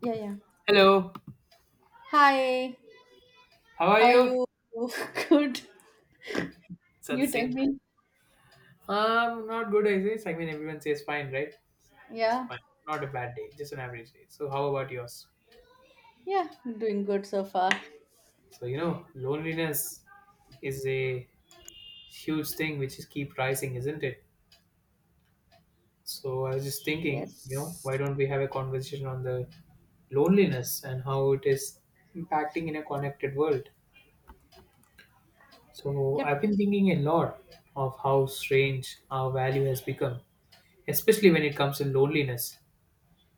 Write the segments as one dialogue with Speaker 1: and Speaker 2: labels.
Speaker 1: Yeah, yeah.
Speaker 2: Hello,
Speaker 1: Hi,
Speaker 2: how are
Speaker 1: how are
Speaker 2: you?
Speaker 1: you? Good.
Speaker 2: It's at the
Speaker 1: You tell
Speaker 2: same
Speaker 1: me.
Speaker 2: time. Not good, I guess. I mean, everyone says fine, right? It's
Speaker 1: Yeah,
Speaker 2: fine. Not a bad day, just an average day. So, how about yours?
Speaker 1: yeah, doing good so far.
Speaker 2: So, you know, loneliness is a huge thing which is keep rising, isn't it? So, I was just thinking, you know,
Speaker 1: Yes.
Speaker 2: why don't we have a conversation on the loneliness and how it is impacting in a connected world? So,
Speaker 1: Yep.
Speaker 2: I've been thinking a lot of how strange our value has become, especially when it comes to loneliness.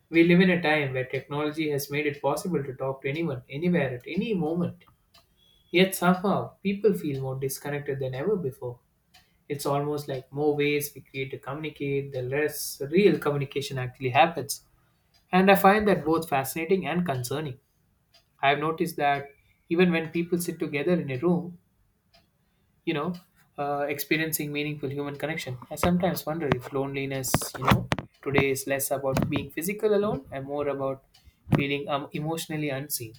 Speaker 2: We live in a time where technology has made it possible to talk to anyone, anywhere, at any moment. Yet somehow, people feel more disconnected than ever before. It's almost like more ways we create to communicate, the less real communication actually happens. And I find that both fascinating and concerning. I have noticed that even when people sit together in a room, you know, experiencing meaningful human connection. I sometimes wonder if loneliness, you know, today is less about being physical alone and more about feeling emotionally unseen.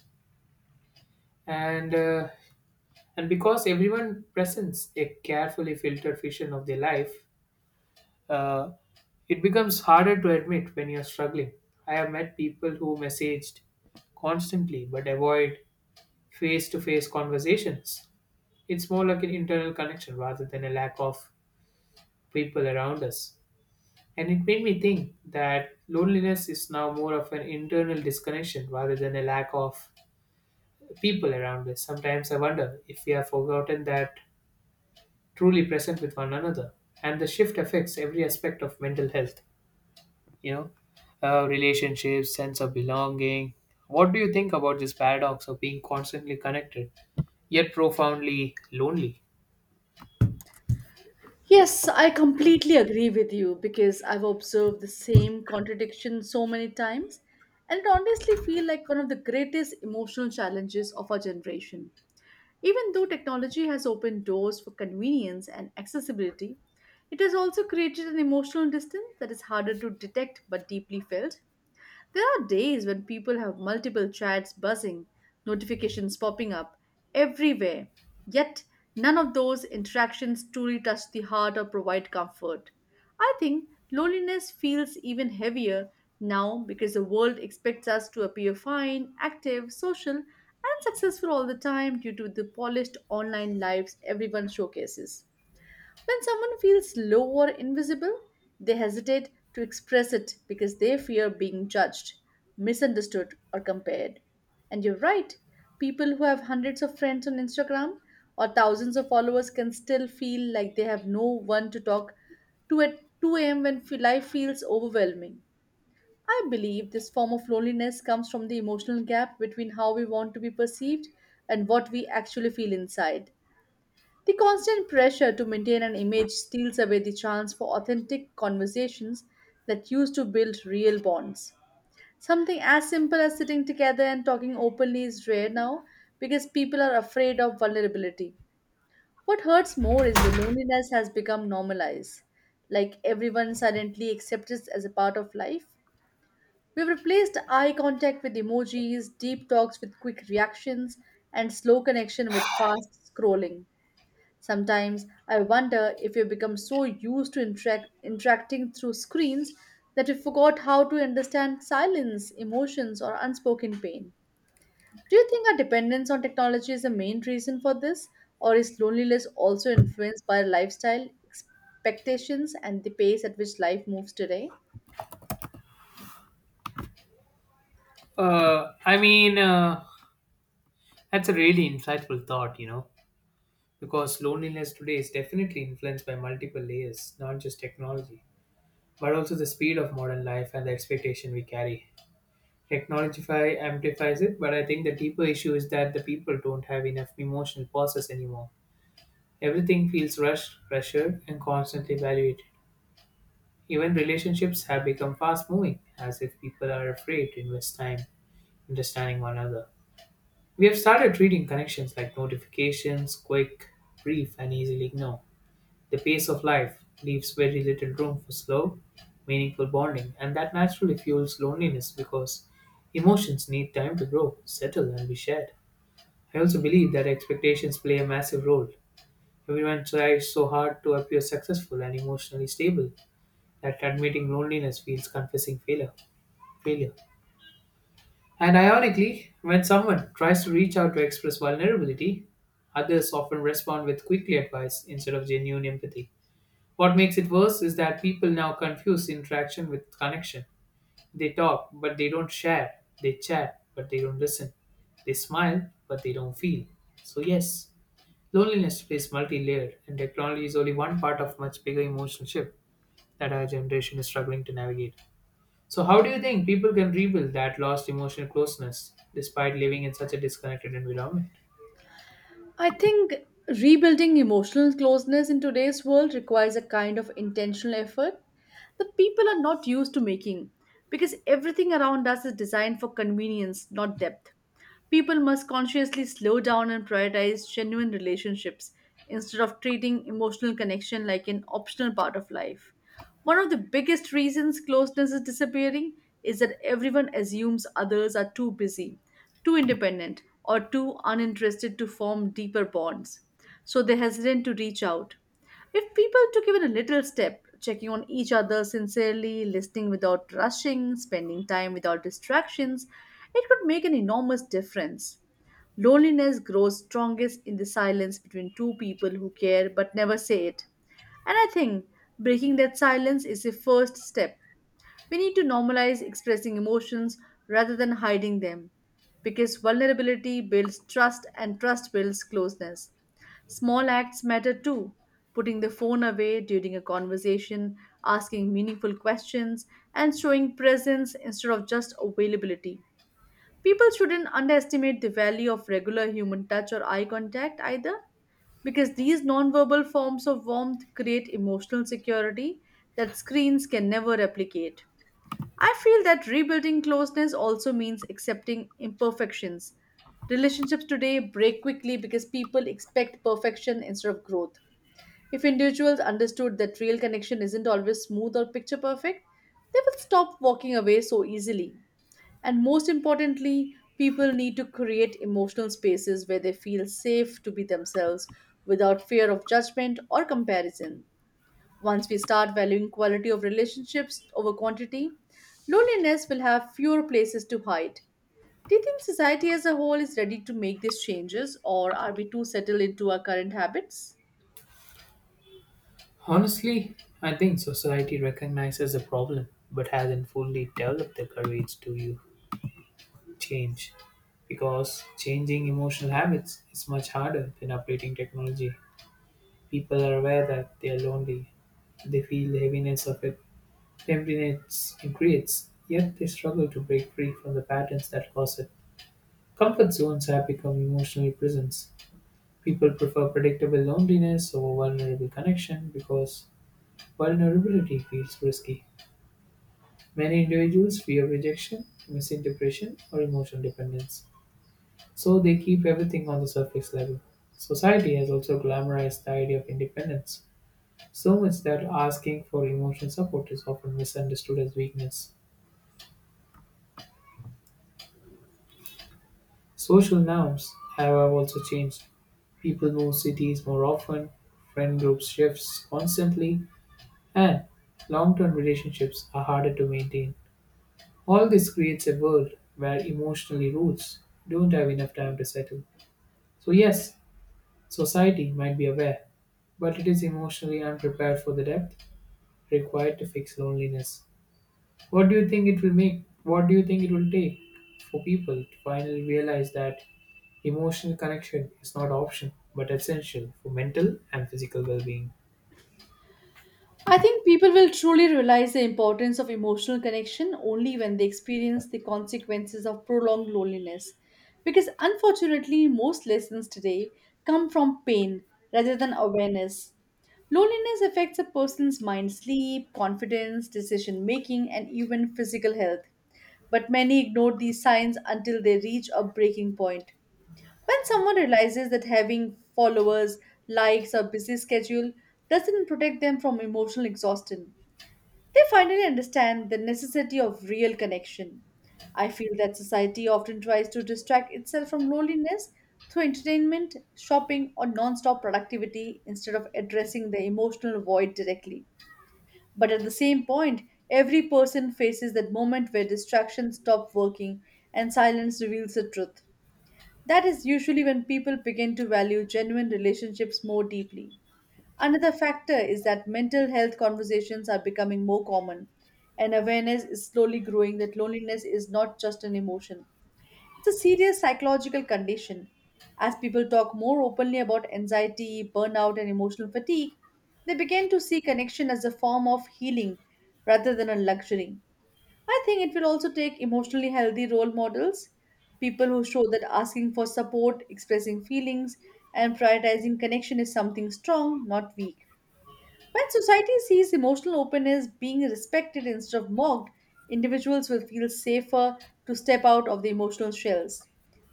Speaker 2: And uh, and because everyone presents a carefully filtered vision of their life, uh, it becomes harder to admit when you're struggling. I have met people who messaged constantly but avoid face to face conversations. It's more like an internal connection rather than a lack of people around us. And it made me think that loneliness is now more of an internal disconnection rather than a lack of people around us. Sometimes I wonder if we have forgotten that truly present with one another. And the shift affects every aspect of mental health, you know, relationships, sense of belonging. What do you think about this paradox of being constantly connected yet profoundly lonely?
Speaker 1: Yes, I completely agree with you because I've observed the same contradiction so many times, and it honestly feels like one of the greatest emotional challenges of our generation. Even though technology has opened doors for convenience and accessibility, it has also created an emotional distance that is harder to detect but deeply felt. There are days when people have multiple chats buzzing, notifications popping up everywhere, yet none of those interactions truly touch the heart or provide comfort. I think loneliness feels even heavier now because the world expects us to appear fine, active, social, and successful all the time due to the polished online lives everyone showcases. When someone feels low or invisible, they hesitate to express it because they fear being judged, misunderstood, or compared. And you're right, people who have hundreds of friends on Instagram or thousands of followers can still feel like they have no one to talk to at 2 a.m. when life feels overwhelming. I believe this form of loneliness comes from the emotional gap between how we want to be perceived and what we actually feel inside. The constant pressure to maintain an image steals away the chance for authentic conversations that used to build real bonds. Something as simple as sitting together and talking openly is rare now because people are afraid of vulnerability. What hurts more is the loneliness has become normalized, like everyone silently accepts it as a part of life. We've replaced eye contact with emojis, deep talks with quick reactions, and slow connection with fast scrolling. Sometimes I wonder if we become so used to interacting through screens that we forgot how to understand silence, emotions, or unspoken pain. Do you think our dependence on technology is the main reason for this, or is loneliness also influenced by lifestyle, expectations, and the pace at which life moves today?
Speaker 2: Uh, I mean, uh, that's a really insightful thought, you know, because loneliness today is definitely influenced by multiple layers, not just technology, but also the speed of modern life and the expectation we carry. Amplifies it, but I think the deeper issue is that the people don't have enough emotional pauses anymore. Everything feels rushed, pressured, and constantly evaluated. Even relationships have become fast moving, as if people are afraid to invest time understanding one another. We have started treating connections like notifications, quick, brief, and easily ignored. The pace of life leaves very little room for slow, meaningful bonding, and that naturally fuels loneliness because emotions need time to grow, settle, and be shared. I also believe that expectations play a massive role. Everyone tries so hard to appear successful and emotionally stable that admitting loneliness feels confessing failure. Failure. And ironically, when someone tries to reach out to express vulnerability, others often respond with quickly advice instead of genuine empathy. What makes it worse is that people now confuse interaction with connection. They talk, but they don't share. They chat, but they don't listen. They smile, but they don't feel. So, yes, loneliness is multi layered, and technology is only one part of much bigger emotional shift that our generation is struggling to navigate. So, how do you think people can rebuild that lost emotional closeness despite living in such a disconnected environment?
Speaker 1: I think rebuilding emotional closeness in today's world requires a kind of intentional effort that people are not used to making because everything around us is designed for convenience, not depth. People must consciously slow down and prioritize genuine relationships instead of treating emotional connection like an optional part of life. One of the biggest reasons closeness is disappearing is that everyone assumes others are too busy, too independent, or too uninterested to form deeper bonds. So they hesitate to reach out. If people took even a little step, checking on each other sincerely, listening without rushing, spending time without distractions, it could make an enormous difference. Loneliness grows strongest in the silence between two people who care but never say it. And I think breaking that silence is the first step. We need to normalize expressing emotions rather than hiding them because vulnerability builds trust and trust builds closeness. Small acts matter too. Putting the phone away during a conversation, asking meaningful questions, and showing presence instead of just availability. People shouldn't underestimate the value of regular human touch or eye contact either, because these nonverbal forms of warmth create emotional security that screens can never replicate. I feel that rebuilding closeness also means accepting imperfections. Relationships today break quickly because people expect perfection instead of growth. If individuals understood that real connection isn't always smooth or picture perfect, they will stop walking away so easily. And most importantly, people need to create emotional spaces where they feel safe to be themselves without fear of judgment or comparison. Once we start valuing quality of relationships over quantity, loneliness will have fewer places to hide. Do you think society as a whole is ready to make these changes, or are we too settled into our current habits?
Speaker 2: Honestly, I think society recognizes the problem but hasn't fully developed the courage to you change because changing emotional habits is much harder than updating technology. People are aware that they are lonely. They feel the heaviness of it, emptiness it creates, yet they struggle to break free from the patterns that cause it. Comfort zones have become emotional prisons. People prefer predictable loneliness over vulnerable connection because vulnerability feels risky. Many individuals fear rejection, misinterpretation, or emotional dependence. So they keep everything on the surface level. Society has also glamorized the idea of independence, so much that asking for emotional support is often misunderstood as weakness. Social norms, however, also changed. People move cities more often, friend groups shifts constantly, and long term relationships are harder to maintain. All this creates a world where emotionally roots don't have enough time to settle. So, yes, society might be aware, but it is emotionally unprepared for the depth required to fix loneliness. What do you think it will make? What do you think it will take for people to finally realize that emotional connection is not option but essential for mental and physical well-being?
Speaker 1: I think people will truly realize the importance of emotional connection only when they experience the consequences of prolonged loneliness. Because unfortunately, most lessons today come from pain rather than awareness. Loneliness affects a person's mind, sleep, confidence, decision making, and even physical health. But many ignore these signs until they reach a breaking point. When someone realizes that having followers, likes, or busy schedule doesn't protect them from emotional exhaustion, they finally understand the necessity of real connection. I feel that society often tries to distract itself from loneliness through entertainment, shopping, or non stop productivity instead of addressing the emotional void directly. But at the same point, every person faces that moment where distractions stop working and silence reveals the truth. That is usually when people begin to value genuine relationships more deeply. Another factor is that mental health conversations are becoming more common, and awareness is slowly growing that loneliness is not just an emotion. It's a serious psychological condition. As people talk more openly about anxiety, burnout, and emotional fatigue, they begin to see connection as a form of healing rather than a luxury. I think it will also take emotionally healthy role models, people who show that asking for support, expressing feelings, and prioritizing connection is something strong, not weak. When society sees emotional openness being respected instead of mocked, individuals will feel safer to step out of the emotional shells.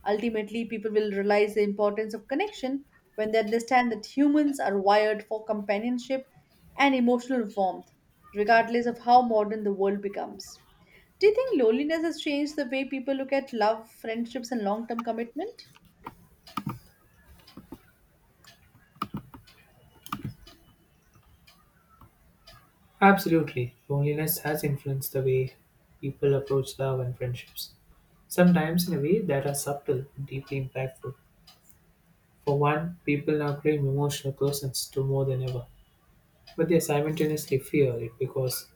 Speaker 1: Ultimately, people will realize the importance of connection when they understand that humans are wired for companionship and emotional warmth, regardless of how modern the world becomes. Do you think loneliness has changed the way people look at love, friendships, and long term commitment?
Speaker 2: Absolutely, loneliness has influenced the way people approach love and friendships, sometimes in a way that are subtle and deeply impactful. For one, people now crave emotional closeness to more than ever, but they simultaneously fear it because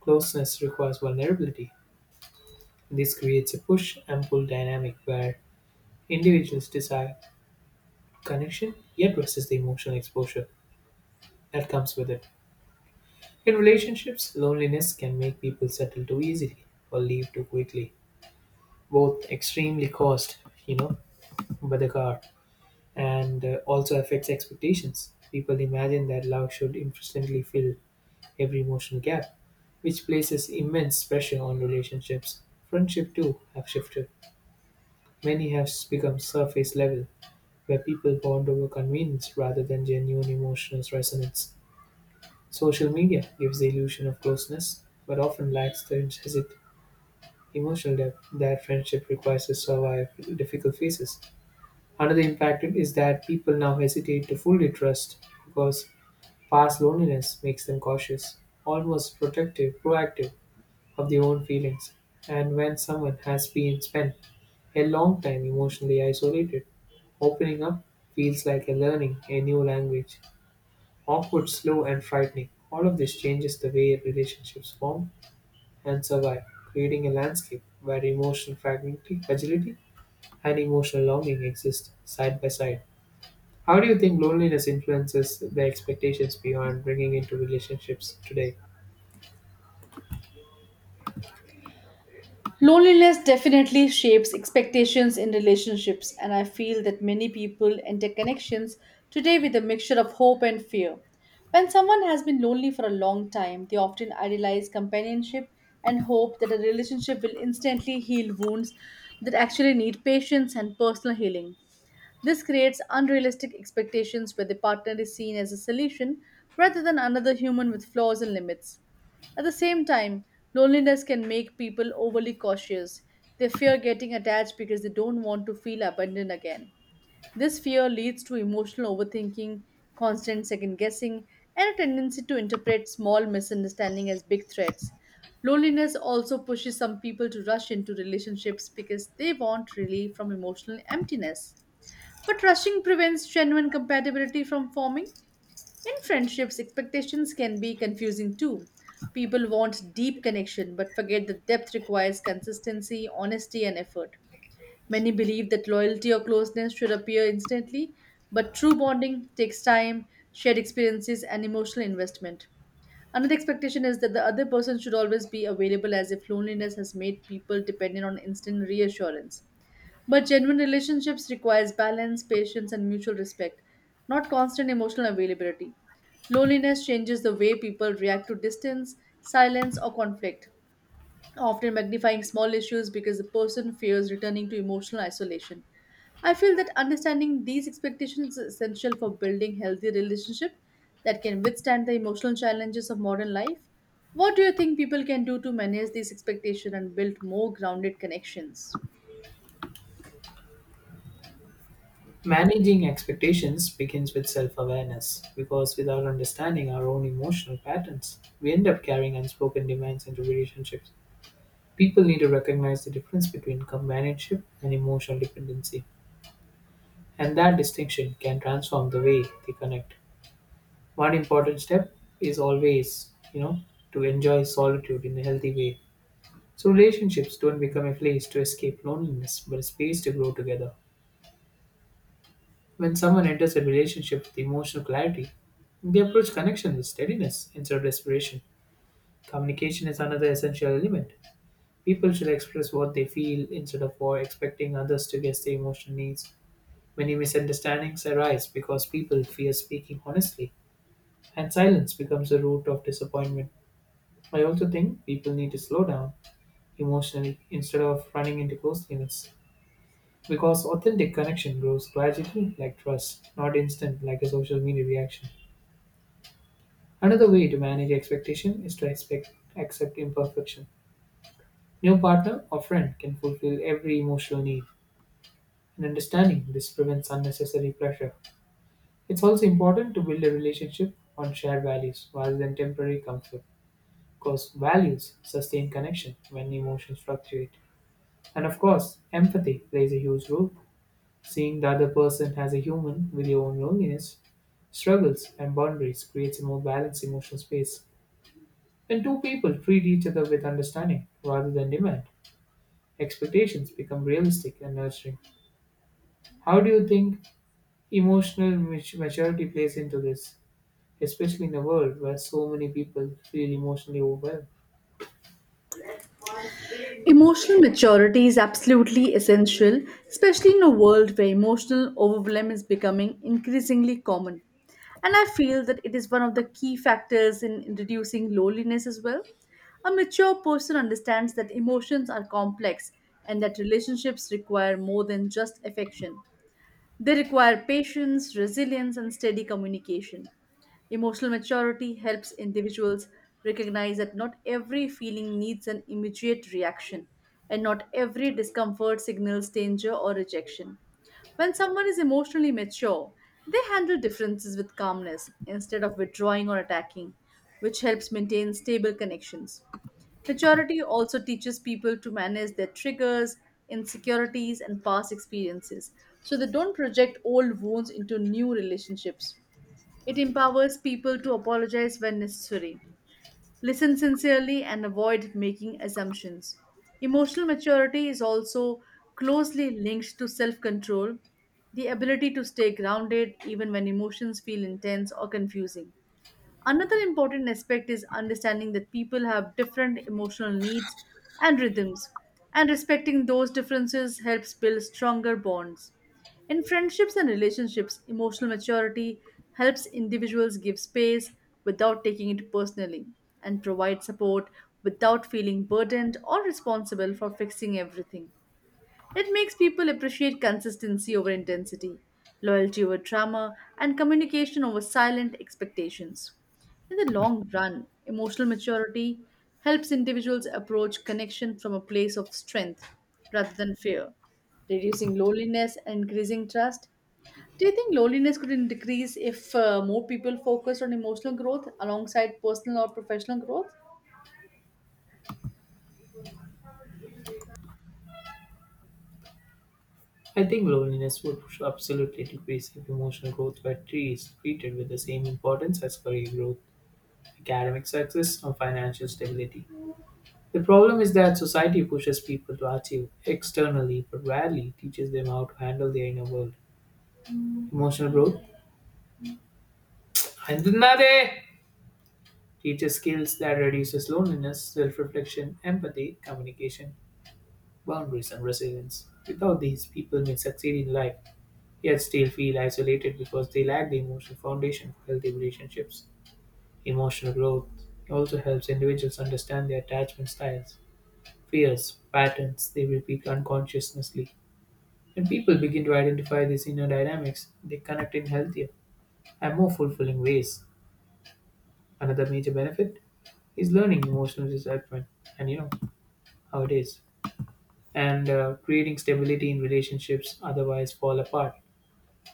Speaker 2: closeness requires vulnerability. This creates a push and pull dynamic where individuals desire connection yet resist the emotional exposure that comes with it. In relationships, loneliness can make people settle too easily or leave too quickly. Both extremely cost, you know, by the car and also affects expectations. People imagine that love should instantly fill every emotional gap, which places immense pressure on relationships. Friendship too have shifted. Many have become surface level where people bond over convenience rather than genuine emotional resonance. Social media gives the illusion of closeness, but often lacks the intrinsic emotional depth that friendship requires to survive difficult phases. Another impact is that people now hesitate to fully trust because past loneliness makes them cautious, almost protective, proactive of their own feelings. And when someone has been spent a long time emotionally isolated, opening up feels like a learning a new language awkward, slow, and frightening. All of this changes the way relationships form and survive, creating a landscape where emotional fragility and emotional longing exist side by side. How do you think loneliness influences the expectations beyond bringing into relationships today?
Speaker 1: Loneliness definitely shapes expectations in relationships, and I feel that many people enter connections today with a mixture of hope and fear. When someone has been lonely for a long time, they often idealize companionship and hope that a relationship will instantly heal wounds that actually need patience and personal healing. This creates unrealistic expectations where the partner is seen as a solution rather than another human with flaws and limits. At the same time, loneliness can make people overly cautious. They fear getting attached because they don't want to feel abandoned again. This fear leads to emotional overthinking, constant second guessing, and a tendency to interpret small misunderstandings as big threats. Loneliness also pushes some people to rush into relationships because they want relief from emotional emptiness. But rushing prevents genuine compatibility from forming. In friendships, expectations can be confusing too. People want deep connection but forget that depth requires consistency, honesty, and effort. Many believe that loyalty or closeness should appear instantly, but true bonding takes time, shared experiences, and emotional investment. Another expectation is that the other person should always be available as if loneliness has made people dependent on instant reassurance. But genuine relationships requires balance, patience, and mutual respect, not constant emotional availability. Loneliness changes the way people react to distance, silence, or conflict, often magnifying small issues because the person fears returning to emotional isolation. I feel that understanding these expectations is essential for building healthy relationships that can withstand the emotional challenges of modern life. What do you think people can do to manage these expectations and build more grounded connections?
Speaker 2: Managing expectations begins with self awareness because without understanding our own emotional patterns, we end up carrying unspoken demands into relationships. People need to recognize the difference between companionship and emotional dependency. And that distinction can transform the way they connect. One important step is always, you know, to enjoy solitude in a healthy way. So relationships don't become a place to escape loneliness, but a space to grow together. When someone enters a relationship with emotional clarity, they approach connection with steadiness instead of desperation. Communication is another essential element. People should express what they feel instead of or expecting others to guess their emotional needs. Many misunderstandings arise because people fear speaking honestly. And silence becomes the root of disappointment. I also think people need to slow down emotionally instead of running into close limits. Because authentic connection grows gradually like trust, not instant like a social media reaction. Another way to manage expectation is to expect accept imperfection. No partner or friend can fulfill every emotional need. And understanding this prevents unnecessary pressure. It's also important to build a relationship on shared values rather than temporary comfort. Because values sustain connection when emotions fluctuate. And of course, empathy plays a huge role. Seeing the other person as a human with your own loneliness, struggles, and boundaries creates a more balanced emotional space. When two people treat each other with understanding rather than demand, expectations become realistic and nurturing. How do you think emotional maturity plays into this, especially in a world where so many people feel emotionally overwhelmed?
Speaker 1: Emotional maturity is absolutely essential, especially in a world where emotional overwhelm is becoming increasingly common. And I feel that it is one of the key factors in reducing loneliness as well. A mature person understands that emotions are complex and that relationships require more than just affection. They require patience, resilience, and steady communication. Emotional maturity helps individuals recognize that not every feeling needs an immediate reaction, and not every discomfort signals danger or rejection. When someone is emotionally mature, they handle differences with calmness instead of withdrawing or attacking, which helps maintain stable connections. Maturity also teaches people to manage their triggers, insecurities, and past experiences so they don't project old wounds into new relationships. It empowers people to apologize when necessary, listen sincerely, and avoid making assumptions. Emotional maturity is also closely linked to self control, the ability to stay grounded even when emotions feel intense or confusing. Another important aspect is understanding that people have different emotional needs and rhythms, and respecting those differences helps build stronger bonds. In friendships and relationships, emotional maturity helps individuals give space without taking it personally and provide support without feeling burdened or responsible for fixing everything. It makes people appreciate consistency over intensity, loyalty over drama, and communication over silent expectations. In the long run, emotional maturity helps individuals approach connection from a place of strength rather than fear, reducing loneliness and increasing trust. Do you think loneliness could decrease if more people focused on emotional growth alongside personal or professional growth?
Speaker 2: I think loneliness would absolutely decrease if emotional growth is treated with the same importance as career growth, academic success, or financial stability. The problem is that society pushes people to achieve externally but rarely teaches them how to handle their inner world. Emotional growth "Handunade" teaches skills that reduces loneliness, self-reflection, empathy, communication, boundaries, and resilience. Without these, people may succeed in life yet still feel isolated because they lack the emotional foundation for healthy relationships. Emotional growth also helps individuals understand their attachment styles, fears, patterns they repeat unconsciously. When people begin to identify these inner dynamics, they connect in healthier and more fulfilling ways. Another major benefit is learning emotional discipline, and you know how it is, and creating stability in relationships otherwise fall apart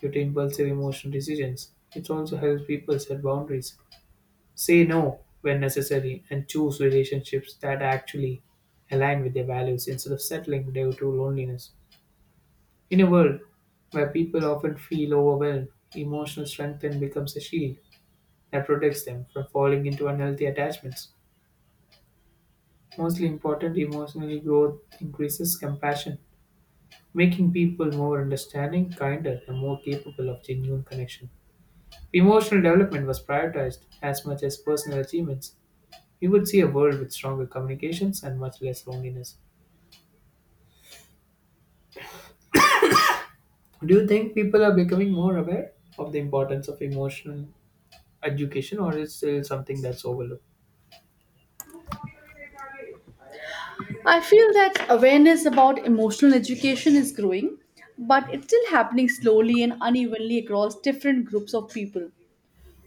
Speaker 2: due to impulsive emotional decisions. It also helps people set boundaries say no when necessary, and choose relationships that actually align with their values instead of settling due to loneliness. In a world where people often feel overwhelmed, emotional strength then becomes a shield that protects them from falling into unhealthy attachments. Mostly important, emotional growth increases compassion, making people more understanding, kinder, and more capable of genuine connection. Emotional development was prioritized as much as personal achievements we would see a world with stronger communications and much less loneliness. Do you think people are becoming more aware of the importance of emotional education, or is still something that's overlooked?
Speaker 1: I feel that awareness about emotional education is growing, but it's still happening slowly and unevenly across different groups of people.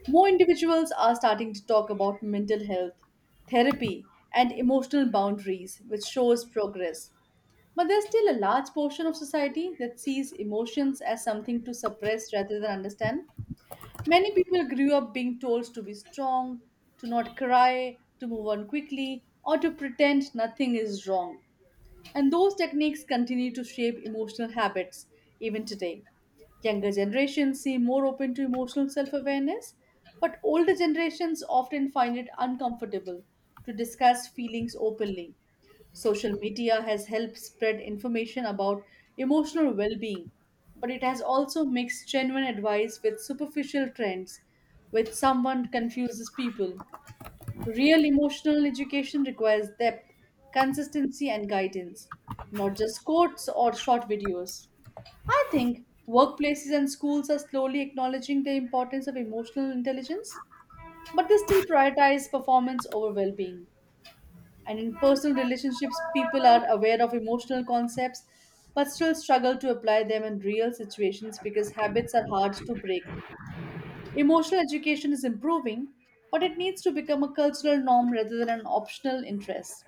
Speaker 1: More individuals are starting to talk about mental health, therapy, and emotional boundaries, which shows progress. But there's still a large portion of society that sees emotions as something to suppress rather than understand. Many people grew up being told to be strong, to not cry, to move on quickly, or to pretend nothing is wrong. And those techniques continue to shape emotional habits even today. Younger generations seem more open to emotional self awareness, but older generations often find it uncomfortable to discuss feelings openly. Social media has helped spread information about emotional well being, but it has also mixed genuine advice with superficial trends, which someone confuses people. Real emotional education requires depth, consistency, and guidance, not just quotes or short videos. I think workplaces and schools are slowly acknowledging the importance of emotional intelligence, but they still prioritize performance over well being. And in personal relationships, people are aware of emotional concepts but still struggle to apply them in real situations because habits are hard to break. Emotional education is improving, but it needs to become a cultural norm rather than an optional interest.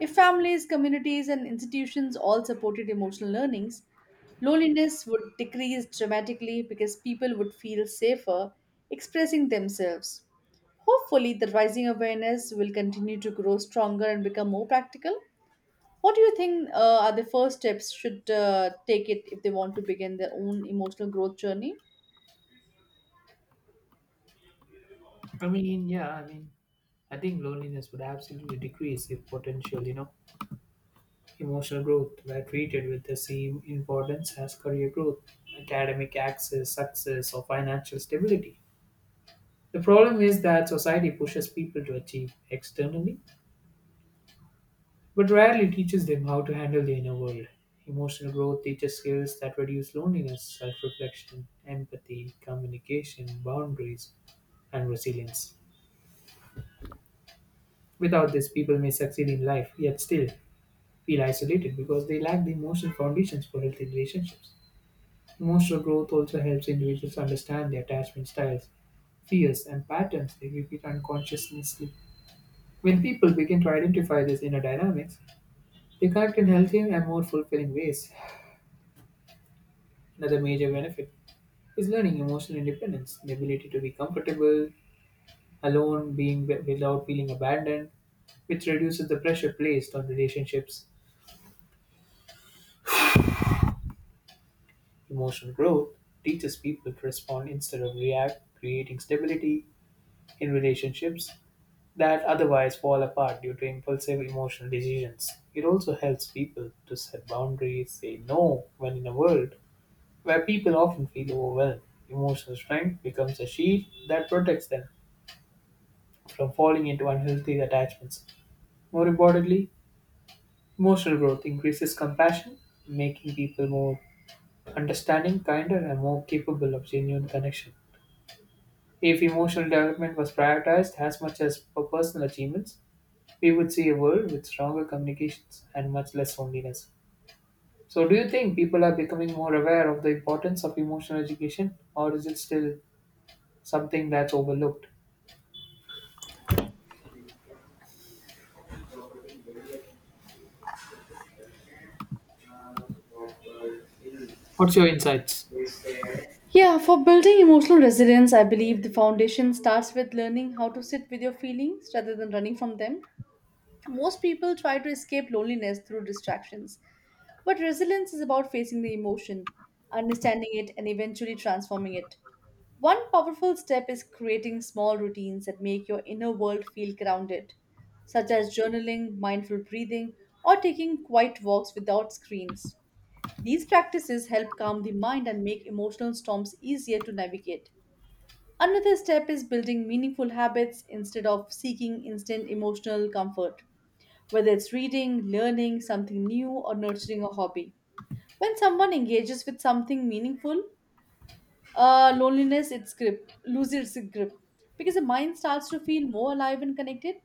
Speaker 1: If families, communities, and institutions all supported emotional learnings, loneliness would decrease dramatically because people would feel safer expressing themselves. Hopefully, the rising awareness will continue to grow stronger and become more practical. What do you think are the first steps should take it if they want to begin their own emotional growth journey?
Speaker 2: I mean, yeah, I mean, I think loneliness would absolutely decrease if potential, you know, emotional growth were treated with the same importance as career growth, academic access, success, or financial stability. The problem is that society pushes people to achieve externally but rarely teaches them how to handle the inner world. Emotional growth teaches skills that reduce loneliness, self reflection, empathy, communication, boundaries, and resilience. Without this, people may succeed in life, yet still feel isolated because they lack the emotional foundations for healthy relationships. Emotional growth also helps individuals understand their attachment styles, fears, and patterns they repeat unconsciously. When people begin to identify these inner dynamics, they connect in healthier and more fulfilling ways. Another major benefit is learning emotional independence, the ability to be comfortable alone, without feeling abandoned, which reduces the pressure placed on relationships. Emotional growth teaches people to respond instead of react, creating stability in relationships that otherwise fall apart due to impulsive emotional decisions. It also helps people to set boundaries, say no when in a world where people often feel overwhelmed. Emotional strength becomes a shield that protects them from falling into unhealthy attachments. More importantly, emotional growth increases compassion, making people more understanding, kinder, and more capable of genuine connection. If emotional development was prioritized as much as for personal achievements, we would see a world with stronger communications and much less loneliness. So, do you think people are becoming more aware of the importance of emotional education, or is it still something that's overlooked? What's your insights?
Speaker 1: Yeah, for building emotional resilience, I believe the foundation starts with learning how to sit with your feelings rather than running from them. Most people try to escape loneliness through distractions, but resilience is about facing the emotion, understanding it, and eventually transforming it. One powerful step is creating small routines that make your inner world feel grounded, such as journaling, mindful breathing, or taking quiet walks without screens. These practices help calm the mind and make emotional storms easier to navigate. Another step is building meaningful habits instead of seeking instant emotional comfort, whether it's reading, learning something new, or nurturing a hobby. When someone engages with something meaningful, loneliness its grip loses its grip because the mind starts to feel more alive and connected.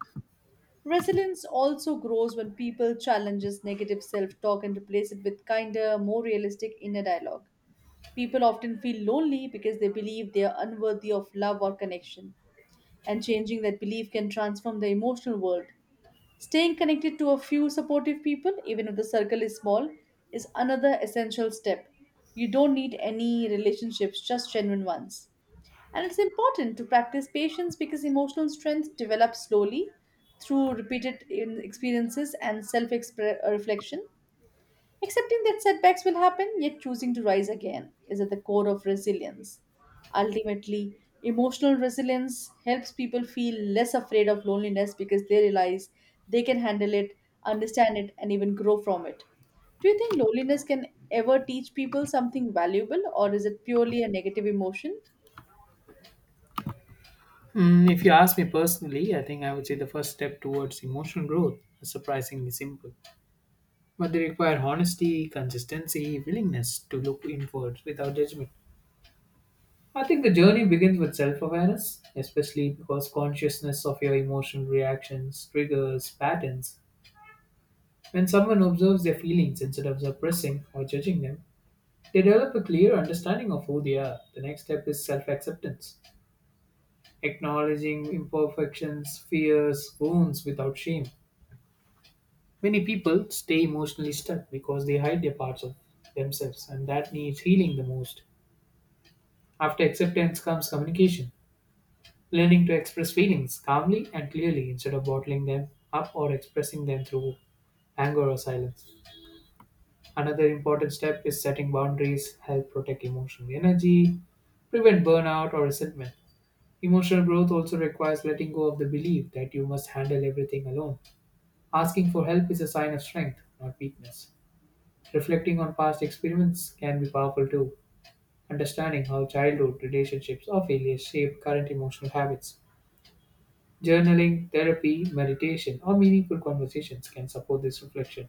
Speaker 1: Resilience also grows when people challenges negative self-talk and replace it with kinder, more realistic inner dialogue. People often feel lonely because they believe they are unworthy of love or connection, and changing that belief can transform the emotional world. Staying connected to a few supportive people, even if the circle is small, is another essential step. You don't need any relationships, just genuine ones. And it's important to practice patience because emotional strength develops slowly through repeated experiences and self reflection. Accepting that setbacks will happen, yet choosing to rise again, is at the core of resilience. Ultimately, emotional resilience helps people feel less afraid of loneliness because they realize they can handle it, understand it, and even grow from it. Do you think loneliness can ever teach people something valuable, or is it purely a negative emotion?
Speaker 2: Hmm, if you ask me personally, I think I would say the first step towards emotional growth is surprisingly simple. But they require honesty, consistency, willingness to look inward without judgment. I think the journey begins with self awareness, especially because consciousness of your emotional reactions, triggers, patterns. When someone observes their feelings instead of suppressing or judging them, they develop a clear understanding of who they are. The next step is self acceptance, acknowledging imperfections, fears, wounds without shame. Many people stay emotionally stuck because they hide their parts of themselves, and that needs healing the most. After acceptance comes communication, learning to express feelings calmly and clearly instead of bottling them up or expressing them through anger or silence. Another important step is setting boundaries, help protect emotional energy, prevent burnout or resentment. Emotional growth also requires letting go of the belief that you must handle everything alone. Asking for help is a sign of strength, not weakness. Reflecting on past experiments can be powerful too. Understanding how childhood, relationships, or failures shape current emotional habits. Journaling, therapy, meditation, or meaningful conversations can support this reflection.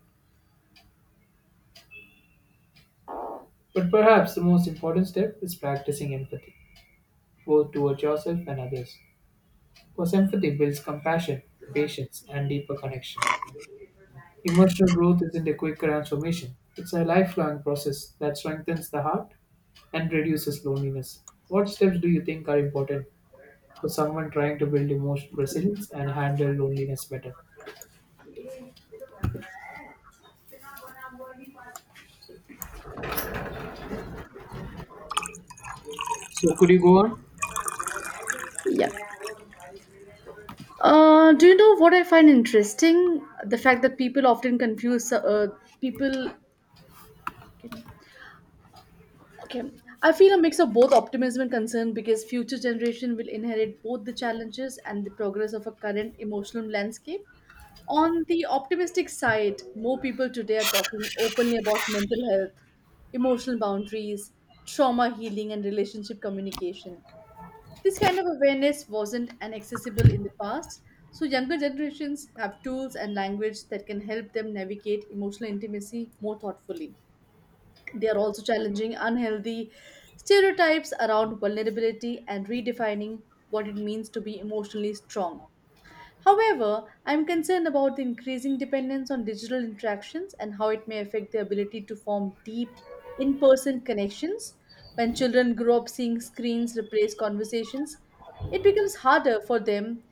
Speaker 2: But perhaps the most important step is practicing empathy, both towards yourself and others. Because empathy builds compassion, patience, and deeper connection. Emotional growth isn't a quick transformation, it's a lifelong process that strengthens the heart and reduces loneliness. What steps do you think are important for someone trying to build emotional resilience and handle loneliness better? So, could you go on?
Speaker 1: Yeah. Do you know what I find interesting? The fact that people often confuse people. Okay, I feel a mix of both optimism and concern because future generation will inherit both the challenges and the progress of a current emotional landscape. On the optimistic side, more people today are talking openly about mental health, emotional boundaries, trauma healing, and relationship communication. This kind of awareness wasn't an accessible in the past, so younger generations have tools and language that can help them navigate emotional intimacy more thoughtfully. They are also challenging unhealthy stereotypes around vulnerability and redefining what it means to be emotionally strong. However, I'm concerned about the increasing dependence on digital interactions and how it may affect their ability to form deep in person connections. When children grow up seeing screens replace conversations, it becomes harder for them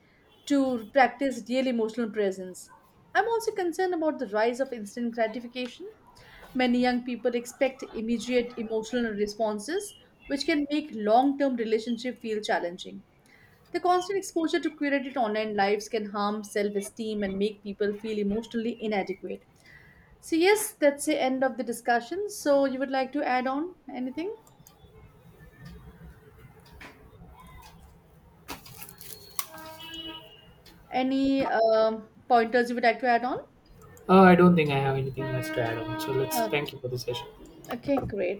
Speaker 1: to practice real emotional presence. I'm also concerned about the rise of instant gratification. Many young people expect immediate emotional responses, which can make long term relationship feel challenging. The constant exposure to curated online lives can harm self esteem and make people feel emotionally inadequate. So, yes, that's the end of the discussion. So, you would like to add on anything? Any pointers you would like to add on?
Speaker 2: I don't think I have anything else to add on. So let's
Speaker 1: Uh,
Speaker 2: thank you for the session.
Speaker 1: okay, great.